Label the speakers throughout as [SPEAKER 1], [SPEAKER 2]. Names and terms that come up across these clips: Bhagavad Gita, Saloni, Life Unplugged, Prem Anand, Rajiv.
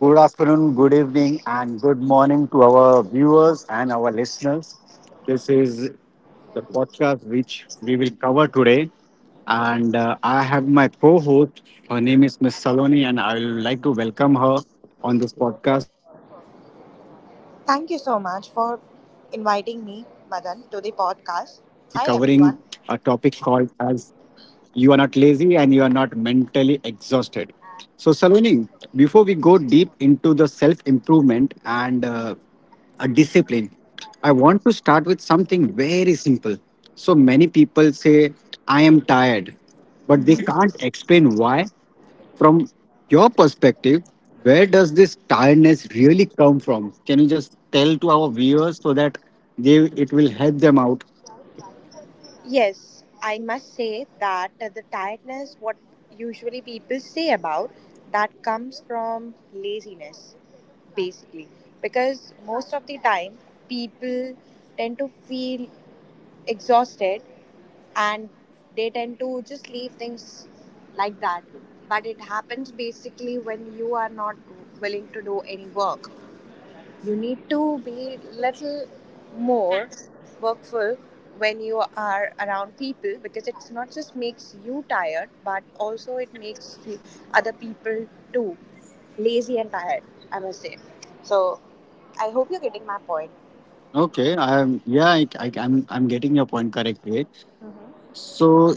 [SPEAKER 1] Good afternoon, good evening, and good morning to our viewers and our listeners. This is the podcast which we will cover today. And I have my co host. Her name is Miss Saloni, and I would like to welcome her on this podcast. So, Saloni, you're
[SPEAKER 2] Thank you
[SPEAKER 1] very
[SPEAKER 2] so
[SPEAKER 1] much
[SPEAKER 2] much for
[SPEAKER 1] welcome to this podcast,
[SPEAKER 2] inviting me,
[SPEAKER 1] and we will be
[SPEAKER 2] Madan, to the
[SPEAKER 1] covering a
[SPEAKER 2] podcast.
[SPEAKER 1] topic
[SPEAKER 2] Hi,
[SPEAKER 1] called
[SPEAKER 2] everyone.
[SPEAKER 1] as you are not lazy and you are not mentally exhausted. So, Saloni, before we go deep into the self improvement and a discipline, I want to start with something very simple. So, many people say, I am tired, but they
[SPEAKER 2] Hmm.
[SPEAKER 1] can't explain why. From your perspective, where does this tiredness really come from? Can you just tell to our viewers so that they it will help them out.
[SPEAKER 2] Yes, I must say that the tiredness, what usually people say about, that comes from laziness, basically. Because most of the time, people tend to feel exhausted and they tend to just leave things like that. But it happens basically when you are not willing to do any work. You need to be little more workful when you are around people because it's not just makes you tired, but also it makes the other people too lazy and tired. I must say. So, I hope you're getting my point.
[SPEAKER 1] Okay, I'm yeah, I'm getting your point correctly. So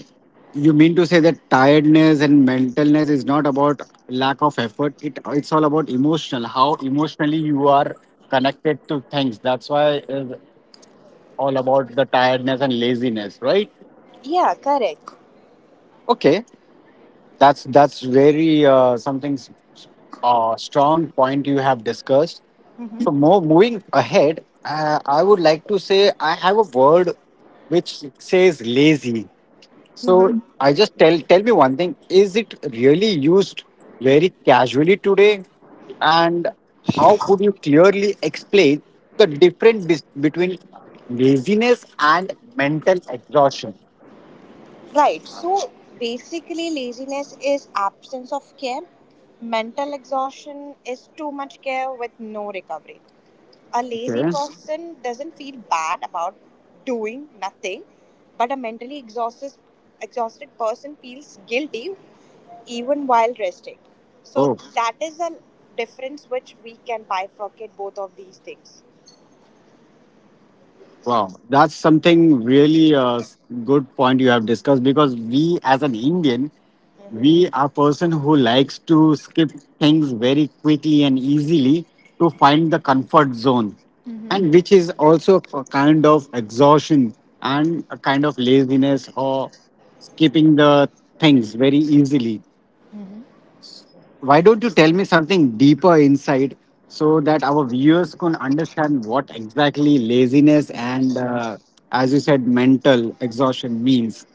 [SPEAKER 1] you mean to say that tiredness and mentalness is not about lack of effort. It's all about how emotionally you are connected to things. That's why it's all about the tiredness and laziness, right?
[SPEAKER 2] Yeah, correct.
[SPEAKER 1] Okay. That's very something strong point you have discussed.
[SPEAKER 2] Hmm.
[SPEAKER 1] So more moving ahead, I would like to say I have a word which says lazy. So
[SPEAKER 2] Hmm.
[SPEAKER 1] I just tell me one thing: is it really used very casually today, and how would you clearly explain the difference between laziness and mental exhaustion?
[SPEAKER 2] Right. So basically, laziness is absence of care. Mental exhaustion is too much care with no recovery. A lazy
[SPEAKER 1] Okay.
[SPEAKER 2] person doesn't feel bad about doing nothing, but a mentally exhausted person feels guilty even while resting. So
[SPEAKER 1] Oh.
[SPEAKER 2] that is a difference which we can bifurcate both of these things.
[SPEAKER 1] Wow, that's something really good point you have discussed because we, as an Indian, we are person who likes to skip things very quickly and easily to find the comfort zone, and which is also a kind of exhaustion and a kind of laziness or skipping the things very easily. Why don't you tell me something deeper inside so that our viewers can understand what exactly laziness and, as you said, mental exhaustion means?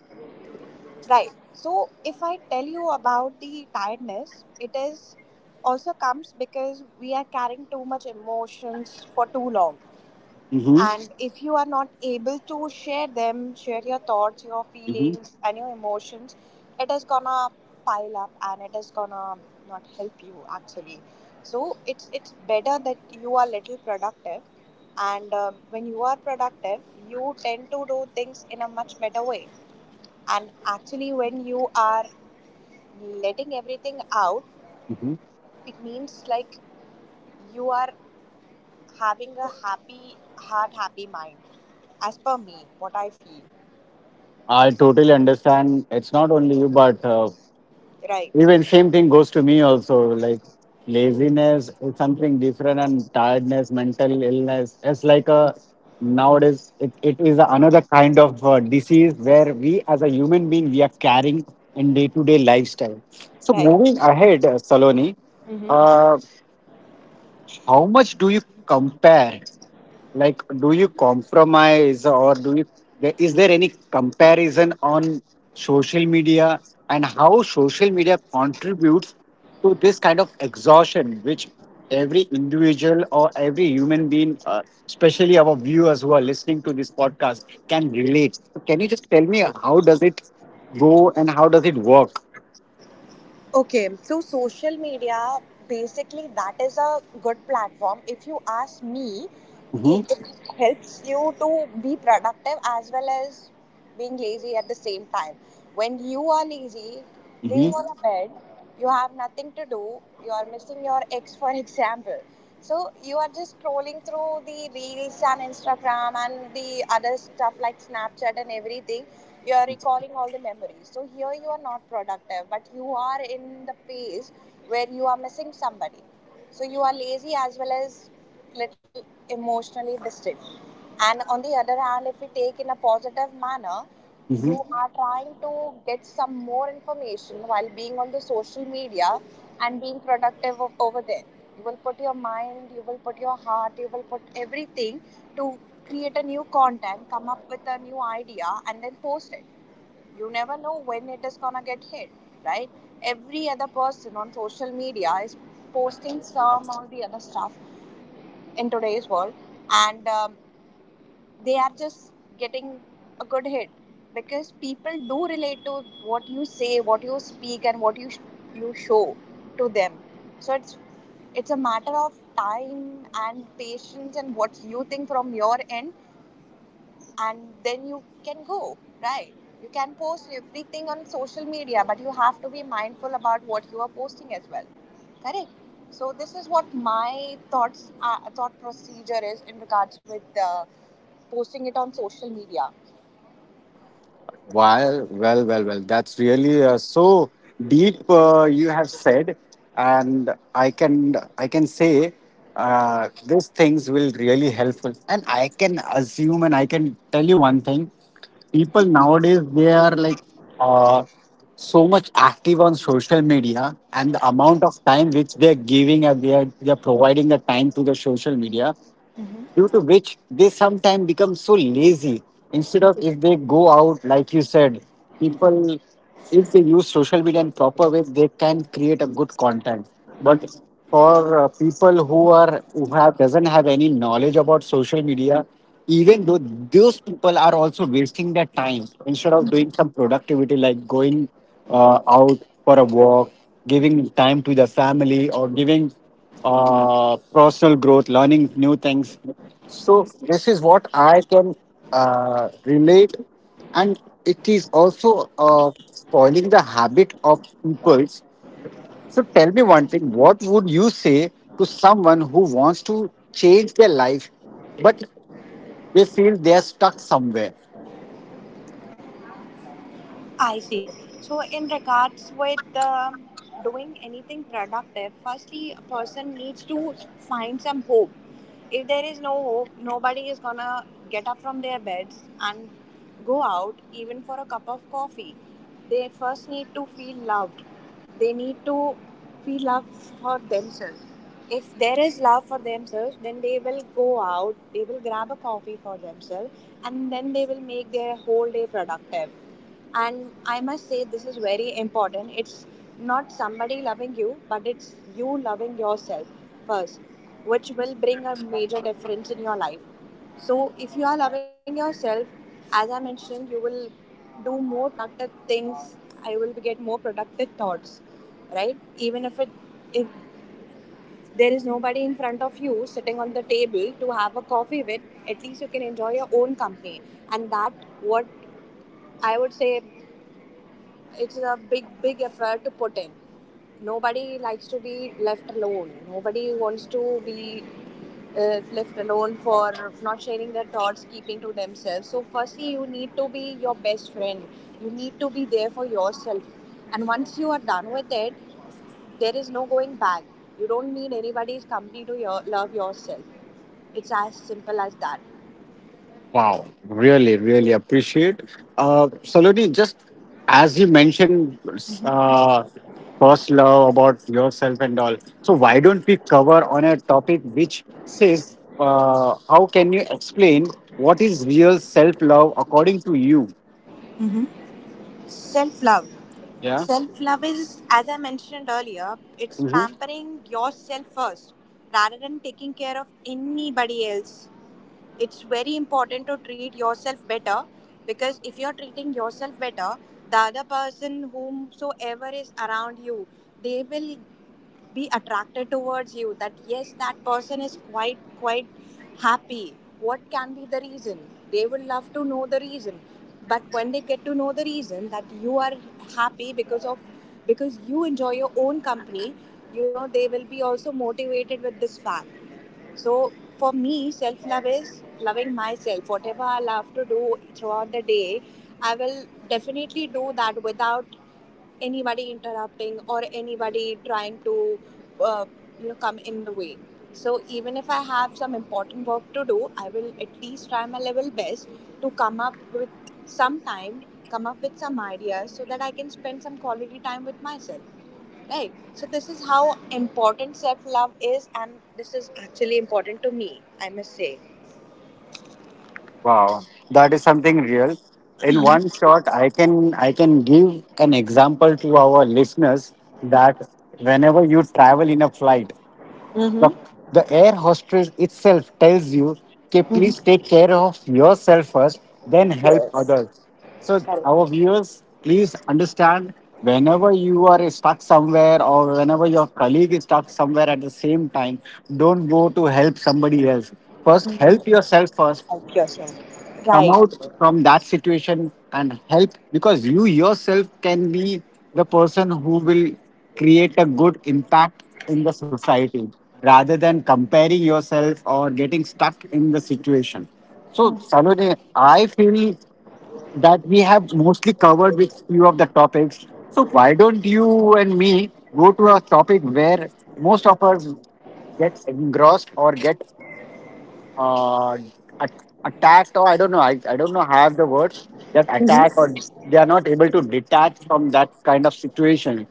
[SPEAKER 2] Right. So if I tell you about the tiredness, it is also comes because we are carrying too much emotions for too long.
[SPEAKER 1] Mm-hmm.
[SPEAKER 2] And if you are not able to share them, share your thoughts, your
[SPEAKER 1] Mm-hmm.
[SPEAKER 2] feelings, and your emotions, it is gonna pile up and it is gonna not help you actually. So it's better that you are little productive, and when you are productive, you tend to do things in a much better way. And actually, when you are letting everything out,
[SPEAKER 1] Mm-hmm.
[SPEAKER 2] it means like you are having a happy heart, happy mind. As per me, what I feel.
[SPEAKER 1] I totally understand. It's not only you, but uh,
[SPEAKER 2] Right,
[SPEAKER 1] Even same thing goes to me also. Like laziness is something different, and tiredness, mental illness. It's like a nowadays it is another kind of disease where we, as a human being, we are carrying in day to day lifestyle. So moving
[SPEAKER 2] right.
[SPEAKER 1] ahead, Saloni,
[SPEAKER 2] Mm-hmm.
[SPEAKER 1] uh, how much do you compare, like do you compromise, or do you, is there any comparison on social media, and how social media contributes to this kind of exhaustion which every individual or every human being, especially our viewers who are listening to this podcast, can relate? So can you just tell me how does it go and how does it work?
[SPEAKER 2] Okay, so social media basically that is a good platform. If you ask me, it,
[SPEAKER 1] Mm-hmm.
[SPEAKER 2] it helps you to be productive as well as being lazy at the same time. When you are lazy, laying on
[SPEAKER 1] Mm-hmm.
[SPEAKER 2] a bed, you have nothing to do. You are missing your ex, for example. So you are just scrolling through the reels and Instagram and the other stuff like Snapchat and everything. You are recalling all the memories. So here you are not productive, but you are in the phase where you are missing somebody. So you are lazy as well as little emotionally distant. And on the other hand, if we take in a positive manner,
[SPEAKER 1] Mm-hmm.
[SPEAKER 2] you are trying to get some more information while being on the social media and being productive over there. You will put your mind, you will put your heart, you will put everything to create a new content, come up with a new idea, and then post it. You never know when it is gonna get hit, right? Every other person on social media is posting some or the other stuff in today's world, and they are just getting a good hit because people do relate to what you say, what you speak, and what you show to them. So it's a matter of time and patience and what you think from your end, and then you can go right. You can post everything on social media, but you have to be mindful about what you are posting as well. Correct. So this is what my thought procedure is in regards with posting it on social media.
[SPEAKER 1] Well, well, well, well. That's really so deep. You have said, and I can say, these things will really helpful. And I can assume, and I can tell you one thing: people nowadays they are like, uh, so much active on social media, and the amount of time which they are giving, and they are providing the time to the social media,
[SPEAKER 2] Mm-hmm.
[SPEAKER 1] due to which they sometimes become so lazy, instead of if they go out. Like you said, people, if they use social media in proper way, they can create a good content, but for people who have doesn't have any knowledge about social media, even though those people are also wasting their time instead of doing some productivity, like going out for a walk, giving time to the family, or giving personal growth, learning new things. So this is what I can relate, and it is also spoiling the habit of people's. So tell me one thing: what would you say to someone who wants to change their life, but they feel they are stuck somewhere?
[SPEAKER 2] I see. So, in regards with doing anything productive, firstly, a person needs to find some hope. If there is no hope, nobody is gonna get up from their beds and go out even for a cup of coffee. They first need to feel loved. They need to feel love for themselves. If there is love for themselves, then they will go out, they will grab a coffee for themselves, and then they will make their whole day productive. And I must say this is very important. It's not somebody loving you, but it's you loving yourself first, which will bring a major difference in your life. So if you are loving yourself, as I mentioned, you will do more productive things. I will get more productive thoughts, right? Even if there is nobody in front of you sitting on the table to have a coffee with, at least you can enjoy your own company. And that what I would say, it's a big, big effort to put in. Nobody likes to be left alone. Nobody wants to be left alone for not sharing their thoughts, keeping to themselves. So firstly, you need to be your best friend. You need to be there for yourself. And once you are done with it, there is no going back. You don't need anybody's company to love yourself. It's as simple as that.
[SPEAKER 1] Wow, really, really appreciate. Saloni, just as you mentioned, uh, first love about yourself and all. So why don't we cover on a topic which says, how can you explain what is real self-love according to you?
[SPEAKER 2] Self love.
[SPEAKER 1] Yeah.
[SPEAKER 2] Self love is, as I mentioned earlier, it's
[SPEAKER 1] Hmm.
[SPEAKER 2] pampering yourself first rather than taking care of anybody else. It's very important to treat yourself better because if you're treating yourself better, the other person, whomsoever is around you, they will be attracted towards you. That, yes, that person is quite, quite happy. What can be the reason? They will love to know the reason. But when they get to know the reason that you are happy because you enjoy your own company, they will be also motivated with this fact. So for me, self love is loving myself. Whatever I love to do throughout the day, I will definitely do that without anybody interrupting or anybody trying to uh, come in the way. So even if I have some important work to do, I will at least try my level best to come up with some time, come up with some ideas so that I can spend some quality time with myself, right? So this is how important self love is, and this is actually important to me, I must say.
[SPEAKER 1] Wow, that is something real. In one shot, I can give an example to our listeners that whenever you travel in a flight. The,
[SPEAKER 2] Mm-hmm.
[SPEAKER 1] the air hostess itself tells you, okay, please take care of yourself first, then help
[SPEAKER 2] Yes,
[SPEAKER 1] others. So,
[SPEAKER 2] correct.
[SPEAKER 1] our viewers, please understand, whenever you are stuck somewhere or whenever your colleague is stuck somewhere at the same time, don't go to help somebody else. First, help yourself first,
[SPEAKER 2] Help yourself,
[SPEAKER 1] come
[SPEAKER 2] right.
[SPEAKER 1] out from that situation and help, because you yourself can be the person who will create a good impact in the society, rather than comparing yourself or getting stuck in the situation. So, Saloni, I feel that we have mostly covered with few of the topics, so why don't you and me go to a topic where most of us get engrossed or get uh, at- attacked, or I don't know. I don't know have the word that attack, or they are not able to detach from that kind of situation.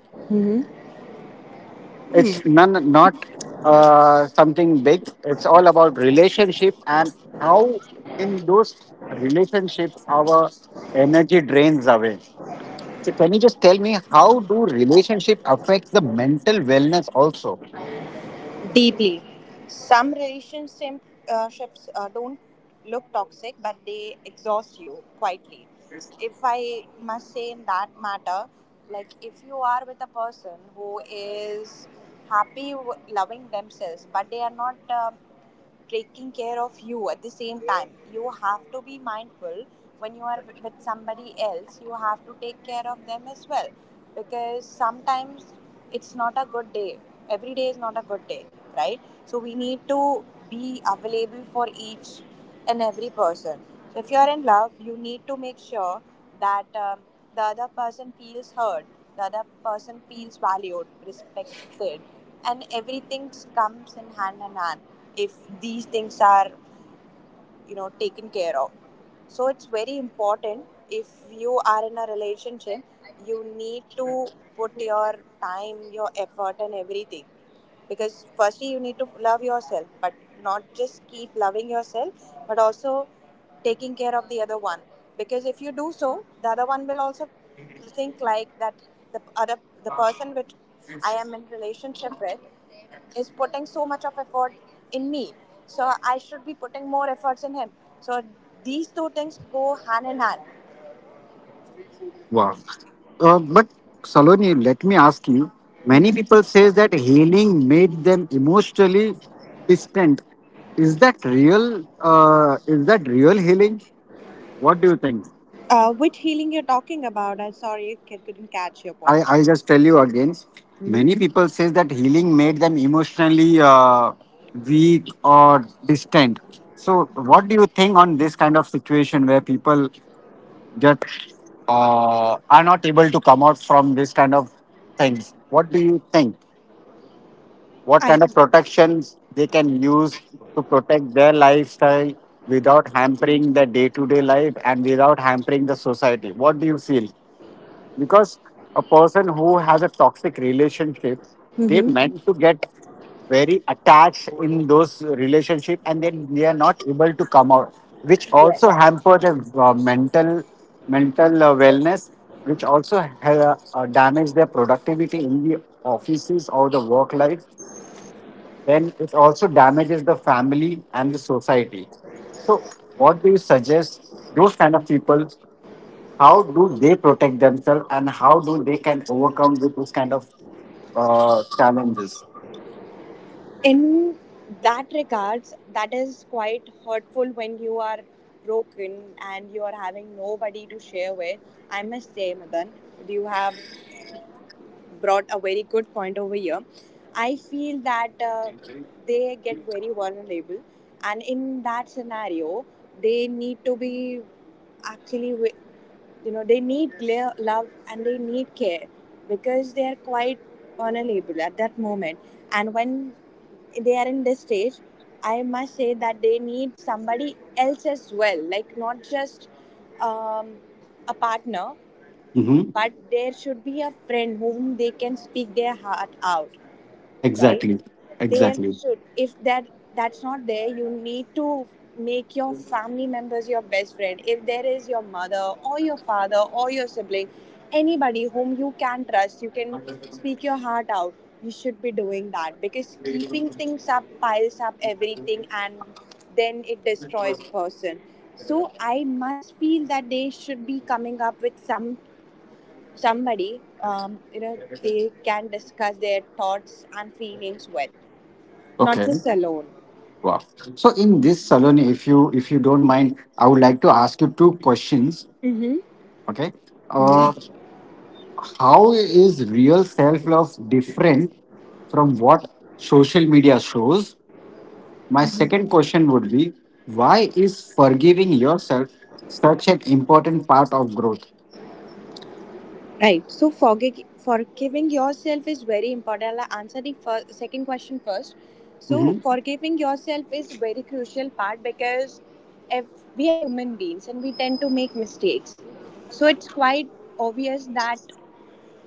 [SPEAKER 1] It's none not something big. It's all about relationship, and how in those relationships our energy drains away. So can you just tell me how do relationship affect the mental wellness also?
[SPEAKER 2] Deeply. Some relationships don't look toxic, but they exhaust you quietly. If I must say in that matter, like if you are with a person who is happy loving themselves, but they are not. Taking care of you at the same time, you have to be mindful. When you are with somebody else, you have to take care of them as well, because sometimes it's not a good day. Every day is not a good day, right? So we need to be available for each in every person. So if you are in love, you need to make sure that the other person feels heard, the other person feels valued, respected, and everything comes in hand in hand. If these things are taken care of, so it's very important. If you are in a relationship, you need to put your time, your effort, and everything. Because firstly you need to love yourself, but not just keep loving yourself but also taking care of the other one. Because if you do so, the other one will also think like that: the other the person which I am in relationship with is putting so much of effort in me. So I should be putting more efforts in him. So these two things go hand in hand.
[SPEAKER 1] Wow. But Saloni, let me ask you. Many people says that healing made them emotionally distant. Is that real? Is that real healing? What do you think?
[SPEAKER 2] Which healing you're talking about? I'm sorry, I couldn't catch your
[SPEAKER 1] I
[SPEAKER 2] point.
[SPEAKER 1] I just tell you again.
[SPEAKER 2] Hmm.
[SPEAKER 1] Many people says that healing made them emotionally weak or distant. So, what do you think on this kind of situation where people just are not able to come out from this kind of things? What do you think? What
[SPEAKER 2] I
[SPEAKER 1] kind of protections they can use to protect their lifestyle without hampering their day to day life and without hampering the society? What do you feel? Because a person who has a toxic relationship, they
[SPEAKER 2] Hmm,
[SPEAKER 1] meant to get very attached in those relationship, and then they are not able to come out, which also
[SPEAKER 2] yes.
[SPEAKER 1] hamper their mental wellness, which also damage their productivity in the offices or the work life, then it also damages the family and the society. So, what do you suggest those kind of people? How do they protect themselves, and how do they can overcome with those kind of challenges?
[SPEAKER 2] In that regards, that is quite hurtful when you are broken and you are having nobody to share with. I must say, Madan, do you have? Brought a very good point over here. I feel that they get very vulnerable, and in that scenario, they need to be actually they need love and they need care because they are quite vulnerable at that moment. And when they are in this stage, I must say that they need somebody else as well, like not just um, a partner,
[SPEAKER 1] Mm-hmm.
[SPEAKER 2] but there should be a friend whom they can speak their heart out, right?
[SPEAKER 1] Exactly.
[SPEAKER 2] there
[SPEAKER 1] Exactly.
[SPEAKER 2] should If that's not there, you need to make your family members your best friend. If there is your mother or your father or your sibling, anybody whom you can trust, you can speak your heart out, you should be doing that. Because keeping things up piles up everything and then it destroys person. So I must feel that they should be coming up with somebody they can discuss their thoughts and feelings with, not
[SPEAKER 1] Okay.
[SPEAKER 2] just alone.
[SPEAKER 1] Wow. So in this salon, if you don't mind, I would like to ask you two questions.
[SPEAKER 2] Mm-hmm.
[SPEAKER 1] Okay. Uh,
[SPEAKER 2] Mm-hmm.
[SPEAKER 1] how is real self love different from what social media shows? My second question would be, why is forgiving yourself such an important part of growth?
[SPEAKER 2] Right, so forgiving yourself is very important. I'll answer the second question first. So
[SPEAKER 1] Hmm.
[SPEAKER 2] forgiving yourself is very crucial part because if we are human beings and we tend to make mistakes, so it's quite obvious that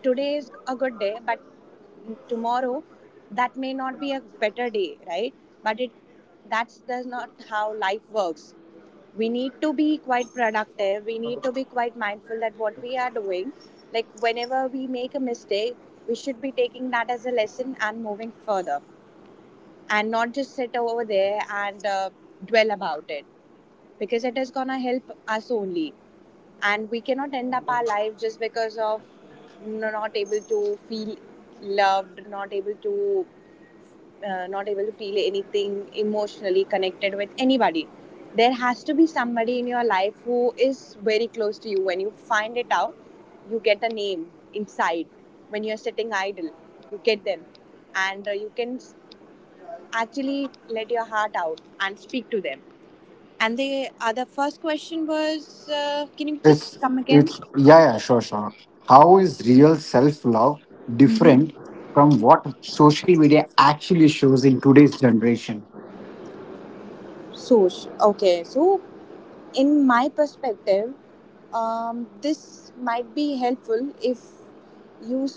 [SPEAKER 2] today is a good day but tomorrow that may not be a better day, right? But it that's not how life works. We need to be quite productive, we need to be quite mindful that what we are doing. Like whenever we make a mistake, we should be taking that as a lesson and moving further, and not just sit over there and dwell about it, because it is gonna help us only. And we cannot end up our life just because of not able to feel loved, not able to not able to feel anything emotionally connected with anybody. There has to be somebody in your life who is very close to you. When you find it out, you get a name inside. When you're sitting idle, you get them, and you can actually let your heart out and speak to them. And the other first question was, can you just
[SPEAKER 1] It's
[SPEAKER 2] come again?
[SPEAKER 1] it's yeah, yeah, sure, sure. How is real self love different
[SPEAKER 2] Mm-hmm.
[SPEAKER 1] from what social media actually shows in today's generation?
[SPEAKER 2] Sush. Okay, so in my perspective, this might be helpful if you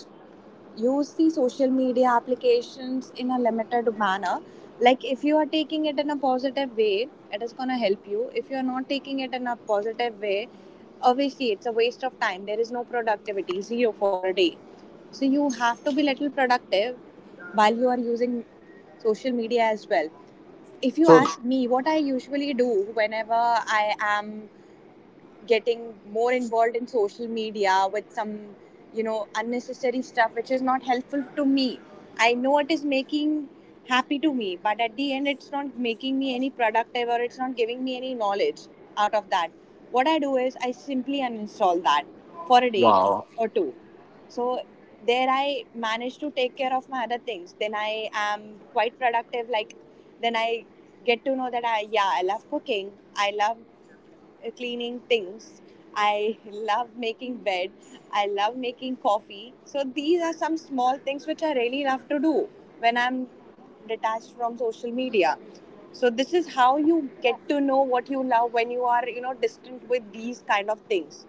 [SPEAKER 2] use the social media applications in a limited manner. Like if you are taking it in a positive way, it is going to help you. If you are not taking it in a positive way, obviously it's a waste of time. There is no productivity, zero for a day. So you have to be little productive while you are using social media as well. If you
[SPEAKER 1] So
[SPEAKER 2] ask me what I usually do, whenever I am getting more involved in social media with some, you know, unnecessary stuff which is not helpful to me, I know it is making happy to me but at the end it's not making me any productive or it's not giving me any knowledge out of that, what I do is I simply uninstall that for a day
[SPEAKER 1] wow.
[SPEAKER 2] or two. So there I manage to take care of my other things, then I am quite productive. Like then I get to know that I, yeah, I love cooking, I love cleaning things. I love making bed. I love making coffee. So these are some small things which I really love to do when I'm detached from social media. So this is how you get to know what you love when you are, you know, distant with these kind of things.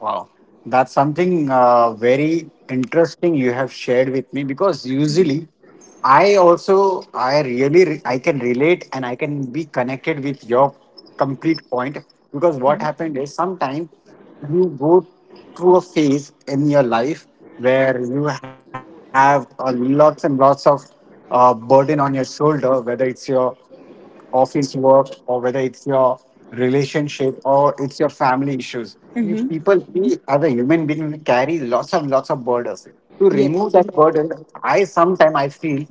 [SPEAKER 1] Wow, that's something very interesting you have shared with me, because usually I also I can relate and I can be connected with your complete point, because what happened is sometimes you go through a phase in your life where you have lots and lots of burden on your shoulder, whether it's your office work or whether it's your relationship or it's your family issues. You people,
[SPEAKER 2] Mm-hmm.
[SPEAKER 1] we as a human being, we carry lots of burdens. To remove
[SPEAKER 2] Yes.
[SPEAKER 1] that burden, I sometimes I feel,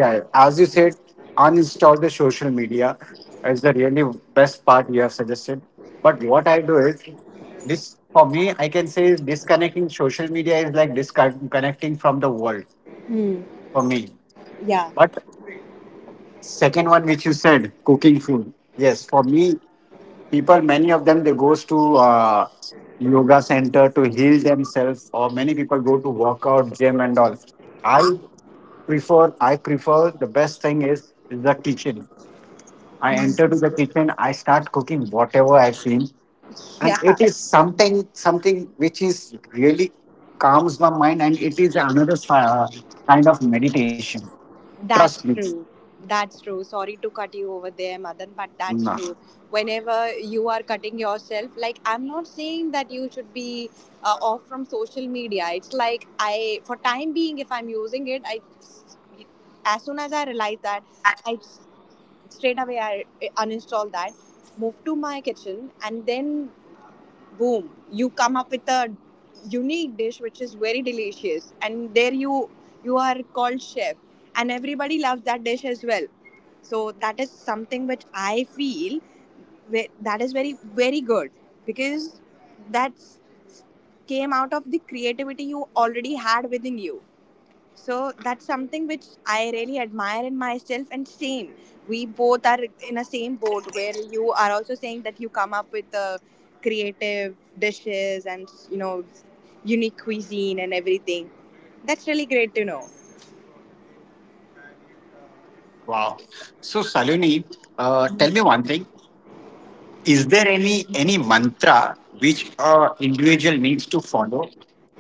[SPEAKER 1] yeah, as you said, uninstall the social media is the really best part you have suggested. But what I do is, this for me, I can say, is disconnecting social media is like disconnecting from the world
[SPEAKER 2] Hmm.
[SPEAKER 1] for me.
[SPEAKER 2] Yeah.
[SPEAKER 1] But second one, which you said, cooking food. Yes, for me, people, many of them, they goes to yoga center to heal themselves, or many people go to workout, gym, and all. I I prefer, the best thing is the kitchen. I enter to the kitchen, I start cooking whatever I've seen, and
[SPEAKER 2] Yeah.
[SPEAKER 1] it is something, which is really calms my mind, and it is another kind of meditation. Trust
[SPEAKER 2] That's
[SPEAKER 1] me.
[SPEAKER 2] true. That's true. Sorry to cut you over there, Madan, but that's
[SPEAKER 1] Nah.
[SPEAKER 2] true. Whenever you are cutting yourself, like I'm not saying that you should be off from social media. It's like I, for time being, if I'm using it, I, as soon as I realize that, I straight away I uninstall that, move to my kitchen, and then boom, you come up with a unique dish which is very delicious, and there you, you are called chef, and everybody loves that dish as well. So that is something which I feel that is very, very good, because that's came out of the creativity you already had within you. So that's something which I really admire in myself, and same. We both are in a same boat where you are also saying that you come up with the creative dishes and, you know, unique cuisine and everything. That's really great to know.
[SPEAKER 1] Wow. So, Saloni, tell me one thing. Is there any mantra which a individual needs to follow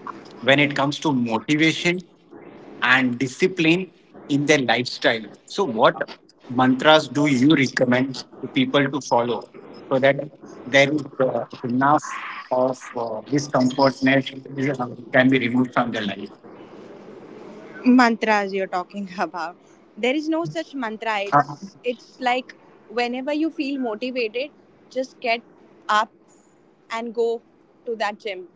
[SPEAKER 1] when it comes to motivation and discipline in their lifestyle? So, what mantras do you recommend to people to follow so that there is enough of discomfortness can be removed from their life?
[SPEAKER 2] Mantras you're talking about. There is no such mantra. It's
[SPEAKER 1] Uh,
[SPEAKER 2] it's like whenever you feel motivated, just get up and go to that gym.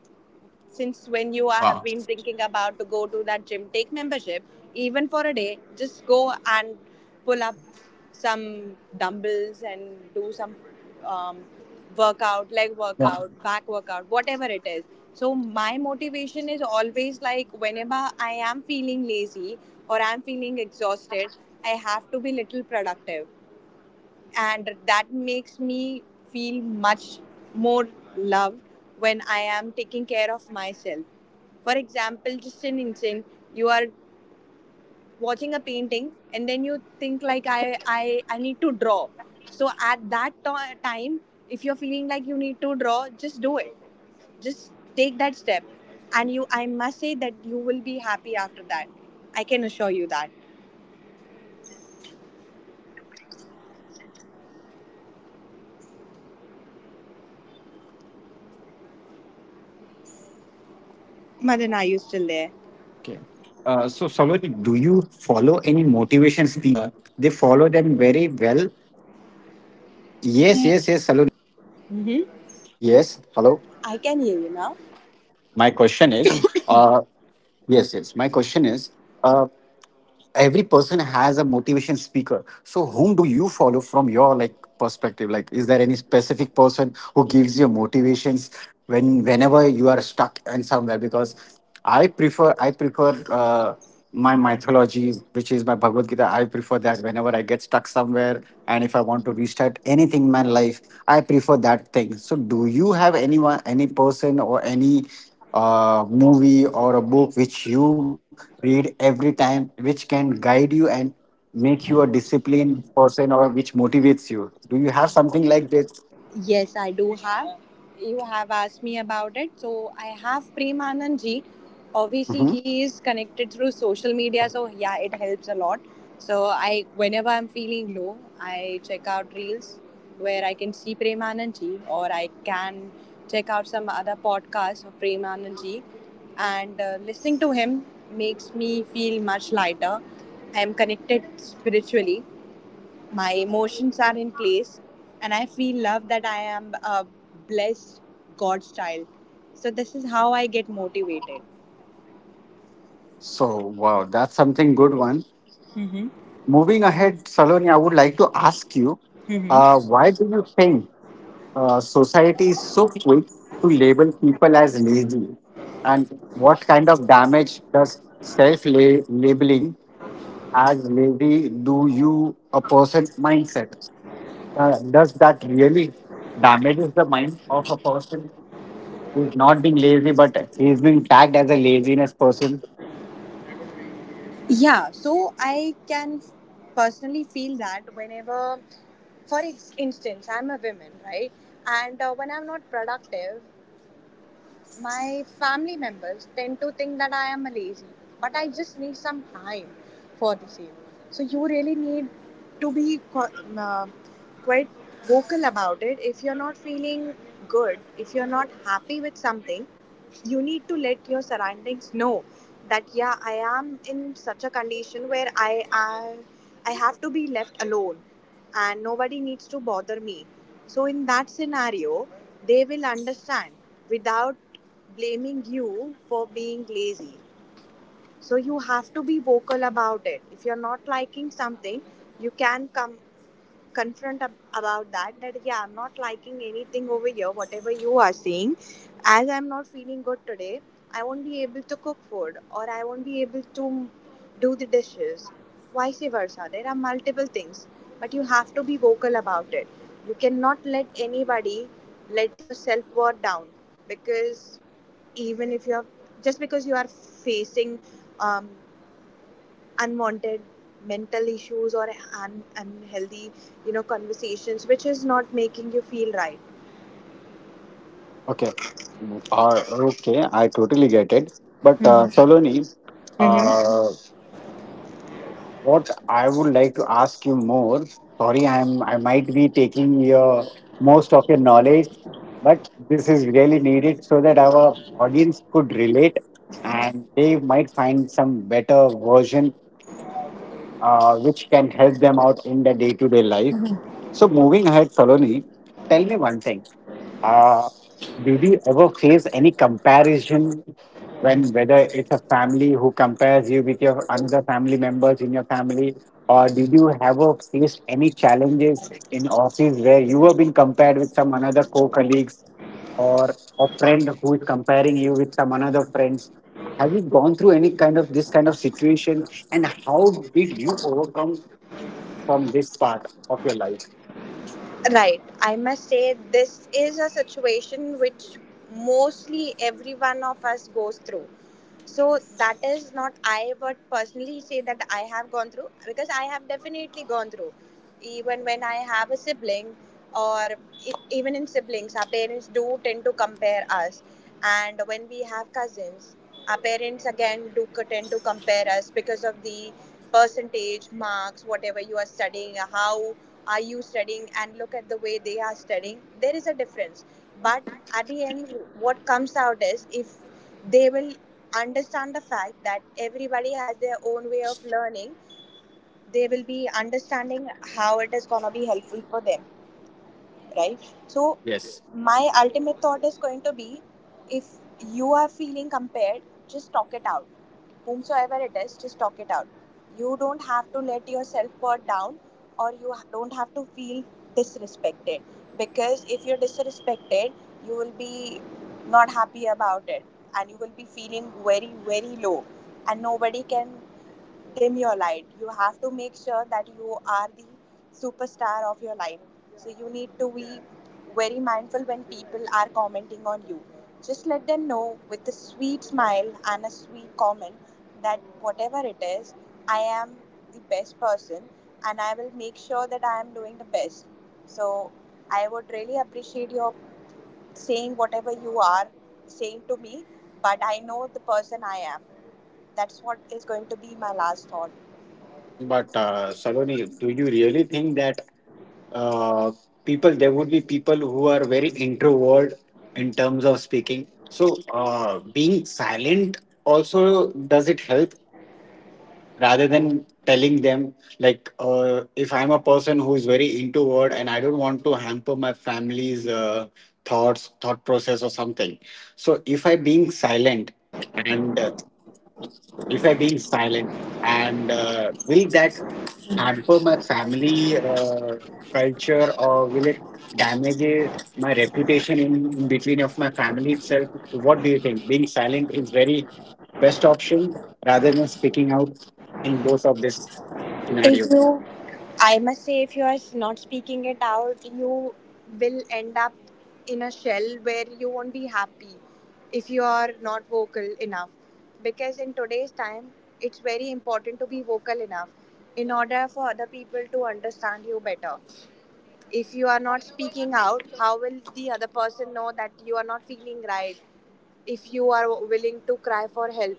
[SPEAKER 2] Since when you are- have been thinking about to go to that gym, take membership even for a day, just go and pull up some dumbbells and do some um, workout, leg workout, back
[SPEAKER 1] Wow.
[SPEAKER 2] workout, whatever it is. So my motivation is always like whenever I am feeling lazy or I'm feeling exhausted, I have to be little productive, and that makes me feel much more loved when I am taking care of myself. For example, just an instant, you are watching a painting and then you think like I need to draw. So at that time, if you're feeling like you need to draw, just do it. Just take that step, and you, I must say that you will be happy after that. I can assure you that.
[SPEAKER 1] Okay. So, Saurabh, do you follow any motivation speaker? Like most of our people, they do follow, and they
[SPEAKER 2] Madan, are
[SPEAKER 1] follow
[SPEAKER 2] you
[SPEAKER 1] them
[SPEAKER 2] still
[SPEAKER 1] very
[SPEAKER 2] there?
[SPEAKER 1] well. Yes, yes, yes, Saloni. Am I audible? Hello. Yes. Hello.
[SPEAKER 2] Mm-hmm.
[SPEAKER 1] My
[SPEAKER 2] I can
[SPEAKER 1] question
[SPEAKER 2] hear you
[SPEAKER 1] is,
[SPEAKER 2] now.
[SPEAKER 1] uh, yes, yes. My question is, uh, every person has a motivation speaker, so whom do you follow from your, like, perspective? Like, is there any specific person who gives you motivations whenever you are stuck and somewhere, because I prefer my mythology, which is my Bhagavad Gita, I prefer that whenever I get stuck somewhere and if I want to restart anything in my life, I prefer that thing. So, do you have anyone, any person, or any movie or a book which you read every time, which can guide you and make you a disciplined person or which motivates you? Do you have something like this?
[SPEAKER 2] Yes, I do have. You have asked me about it. So I have Prem Anand ji. Obviously,
[SPEAKER 1] Hmm.
[SPEAKER 2] he is connected through social media. So yeah, it helps a lot. So I, whenever I'm feeling low, I check out reels where I can see Prem Anand ji, or I can check out some other podcasts of Prem Anand ji, and listening to him makes me feel much lighter. I'm connected spiritually, my emotions are in place, and I feel love that I am a blessed god's child. So this is how I get motivated.
[SPEAKER 1] So, wow, that's something good one.
[SPEAKER 2] Mm-hmm.
[SPEAKER 1] Moving ahead, Saloni, I would like to ask you,
[SPEAKER 2] Mm-hmm.
[SPEAKER 1] why do you think society is so quick to label people as lazy? And what kind of damage does self labeling as lazy do you a person's mindset? Does that really damages the mind of a person who's not being lazy but he's being tagged as a laziness person?
[SPEAKER 2] Yeah, so I can personally feel that whenever, for instance, I'm a woman, right? And when I'm not productive, my family members tend to think that I am lazy, but I just need some time for the same. So you really need to be quite vocal about it. If you're not feeling good, if you're not happy with something, you need to let your surroundings know that, yeah, I am in such a condition where I have to be left alone and nobody needs to bother me. So in that scenario, they will understand without blaming you for being lazy. So you have to be vocal about it. If you're not liking something, you can come confront about that, that, yeah, I'm not liking anything over here, whatever you are saying, as I'm not feeling good today, I won't be able to cook food or I won't be able to do the dishes, vice versa. There are multiple things, but you have to be vocal about it. You cannot let anybody let your self worth down, because even if you are just because you are facing um, unwanted mental issues or unhealthy, you know, conversations which is not making you feel right.
[SPEAKER 1] Okay. Mm, Uh, okay, I totally get it. But
[SPEAKER 2] Mm-hmm.
[SPEAKER 1] Saloni,
[SPEAKER 2] Mm-hmm.
[SPEAKER 1] uh, what I would like to ask you more. Sorry, I might be taking your most of your knowledge, but this is really needed so that our audience could relate and they might find some better version which can help them out in their day-to-day life. So moving ahead, Saloni, tell me one thing. Uh, did you ever face any comparison, when whether it's a family who compares you with your another family members in your family, or did you ever faced any challenges in office where you were being compared with some another co-colleagues or a friend who is comparing you with some another friends? Have you gone through any kind of this kind of situation, and how did you overcome from this part of your life?
[SPEAKER 2] Right. I must say, this is a situation which mostly every one of us goes through. So, that is not, I would personally say that I have gone through, because I have definitely gone through. Even when I have a sibling, or even in siblings, our parents do tend to compare us. And when we have cousins, our parents again do tend to compare us because of the percentage marks, whatever you are studying, how are you studying, and look at the way they are studying. There is a difference, but at the end, what comes out is, if they will understand the fact that everybody has their own way of learning, they will be understanding how it is going to be helpful for them, right? So,
[SPEAKER 1] Yes,
[SPEAKER 2] my ultimate thought is going to be, if you are feeling compared, just talk it out. Whomsoever it is, just talk it out. You don't have to let yourself worth down, or you don't have to feel disrespected, because if you're disrespected, you will be not happy about it, and you will be feeling very, very low, and nobody can dim your light. You have to make sure that you are the superstar of your life. So you need to be very mindful when people are commenting on you. Just let them know with a sweet smile and a sweet comment that, whatever it is, I am the best person and I will make sure that I am doing the best. So I would really appreciate your saying whatever you are saying to me, but I know the person I am. That's what is going to be my last thought.
[SPEAKER 1] but Saloni, do you really think that uh, people there would be people who are very introvert in terms of speaking? So being silent also, does it help rather than telling them, like, if I'm a person who is very introvert and I don't want to hamper my family's thought process or something. So if I being silent, and if I being silent, and will that hamper my family culture, or will it damage my reputation in between of my family itself? What do you think? Being silent is very best option rather than speaking out in both of this
[SPEAKER 2] If
[SPEAKER 1] scenario.
[SPEAKER 2] you, I must say if you are not speaking it out, you will end up in a shell where you won't be happy if you are not vocal enough, because in today's time, it's very important to be vocal enough in order for other people to understand you better. If you are not speaking out, how will the other person know that you are not feeling right, if you are willing to cry for help?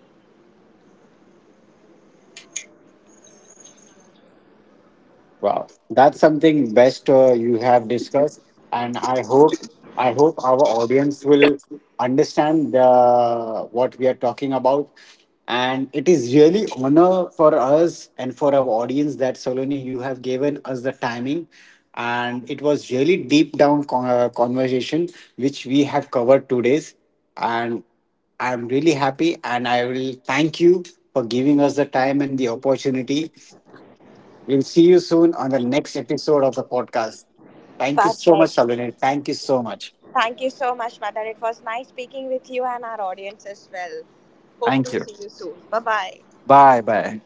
[SPEAKER 1] Wow, that's something best you have discussed, and I hope our audience will understand the what we are talking about. And it is really honor for us and for our audience that Soloni, you have given us the timing, and it was really deep down conversation which we have covered today's, and I'm really happy, and I will thank you for giving us the time and the opportunity. We'll see you soon on the next episode of the podcast. Thank you so much,
[SPEAKER 2] Perfect.
[SPEAKER 1] Shalini. Thank you so much.
[SPEAKER 2] Thank you so much, Mother. It was nice speaking with you and our audience as well. Hope
[SPEAKER 1] Thank
[SPEAKER 2] to
[SPEAKER 1] you.
[SPEAKER 2] see you soon. Bye bye.
[SPEAKER 1] Bye bye.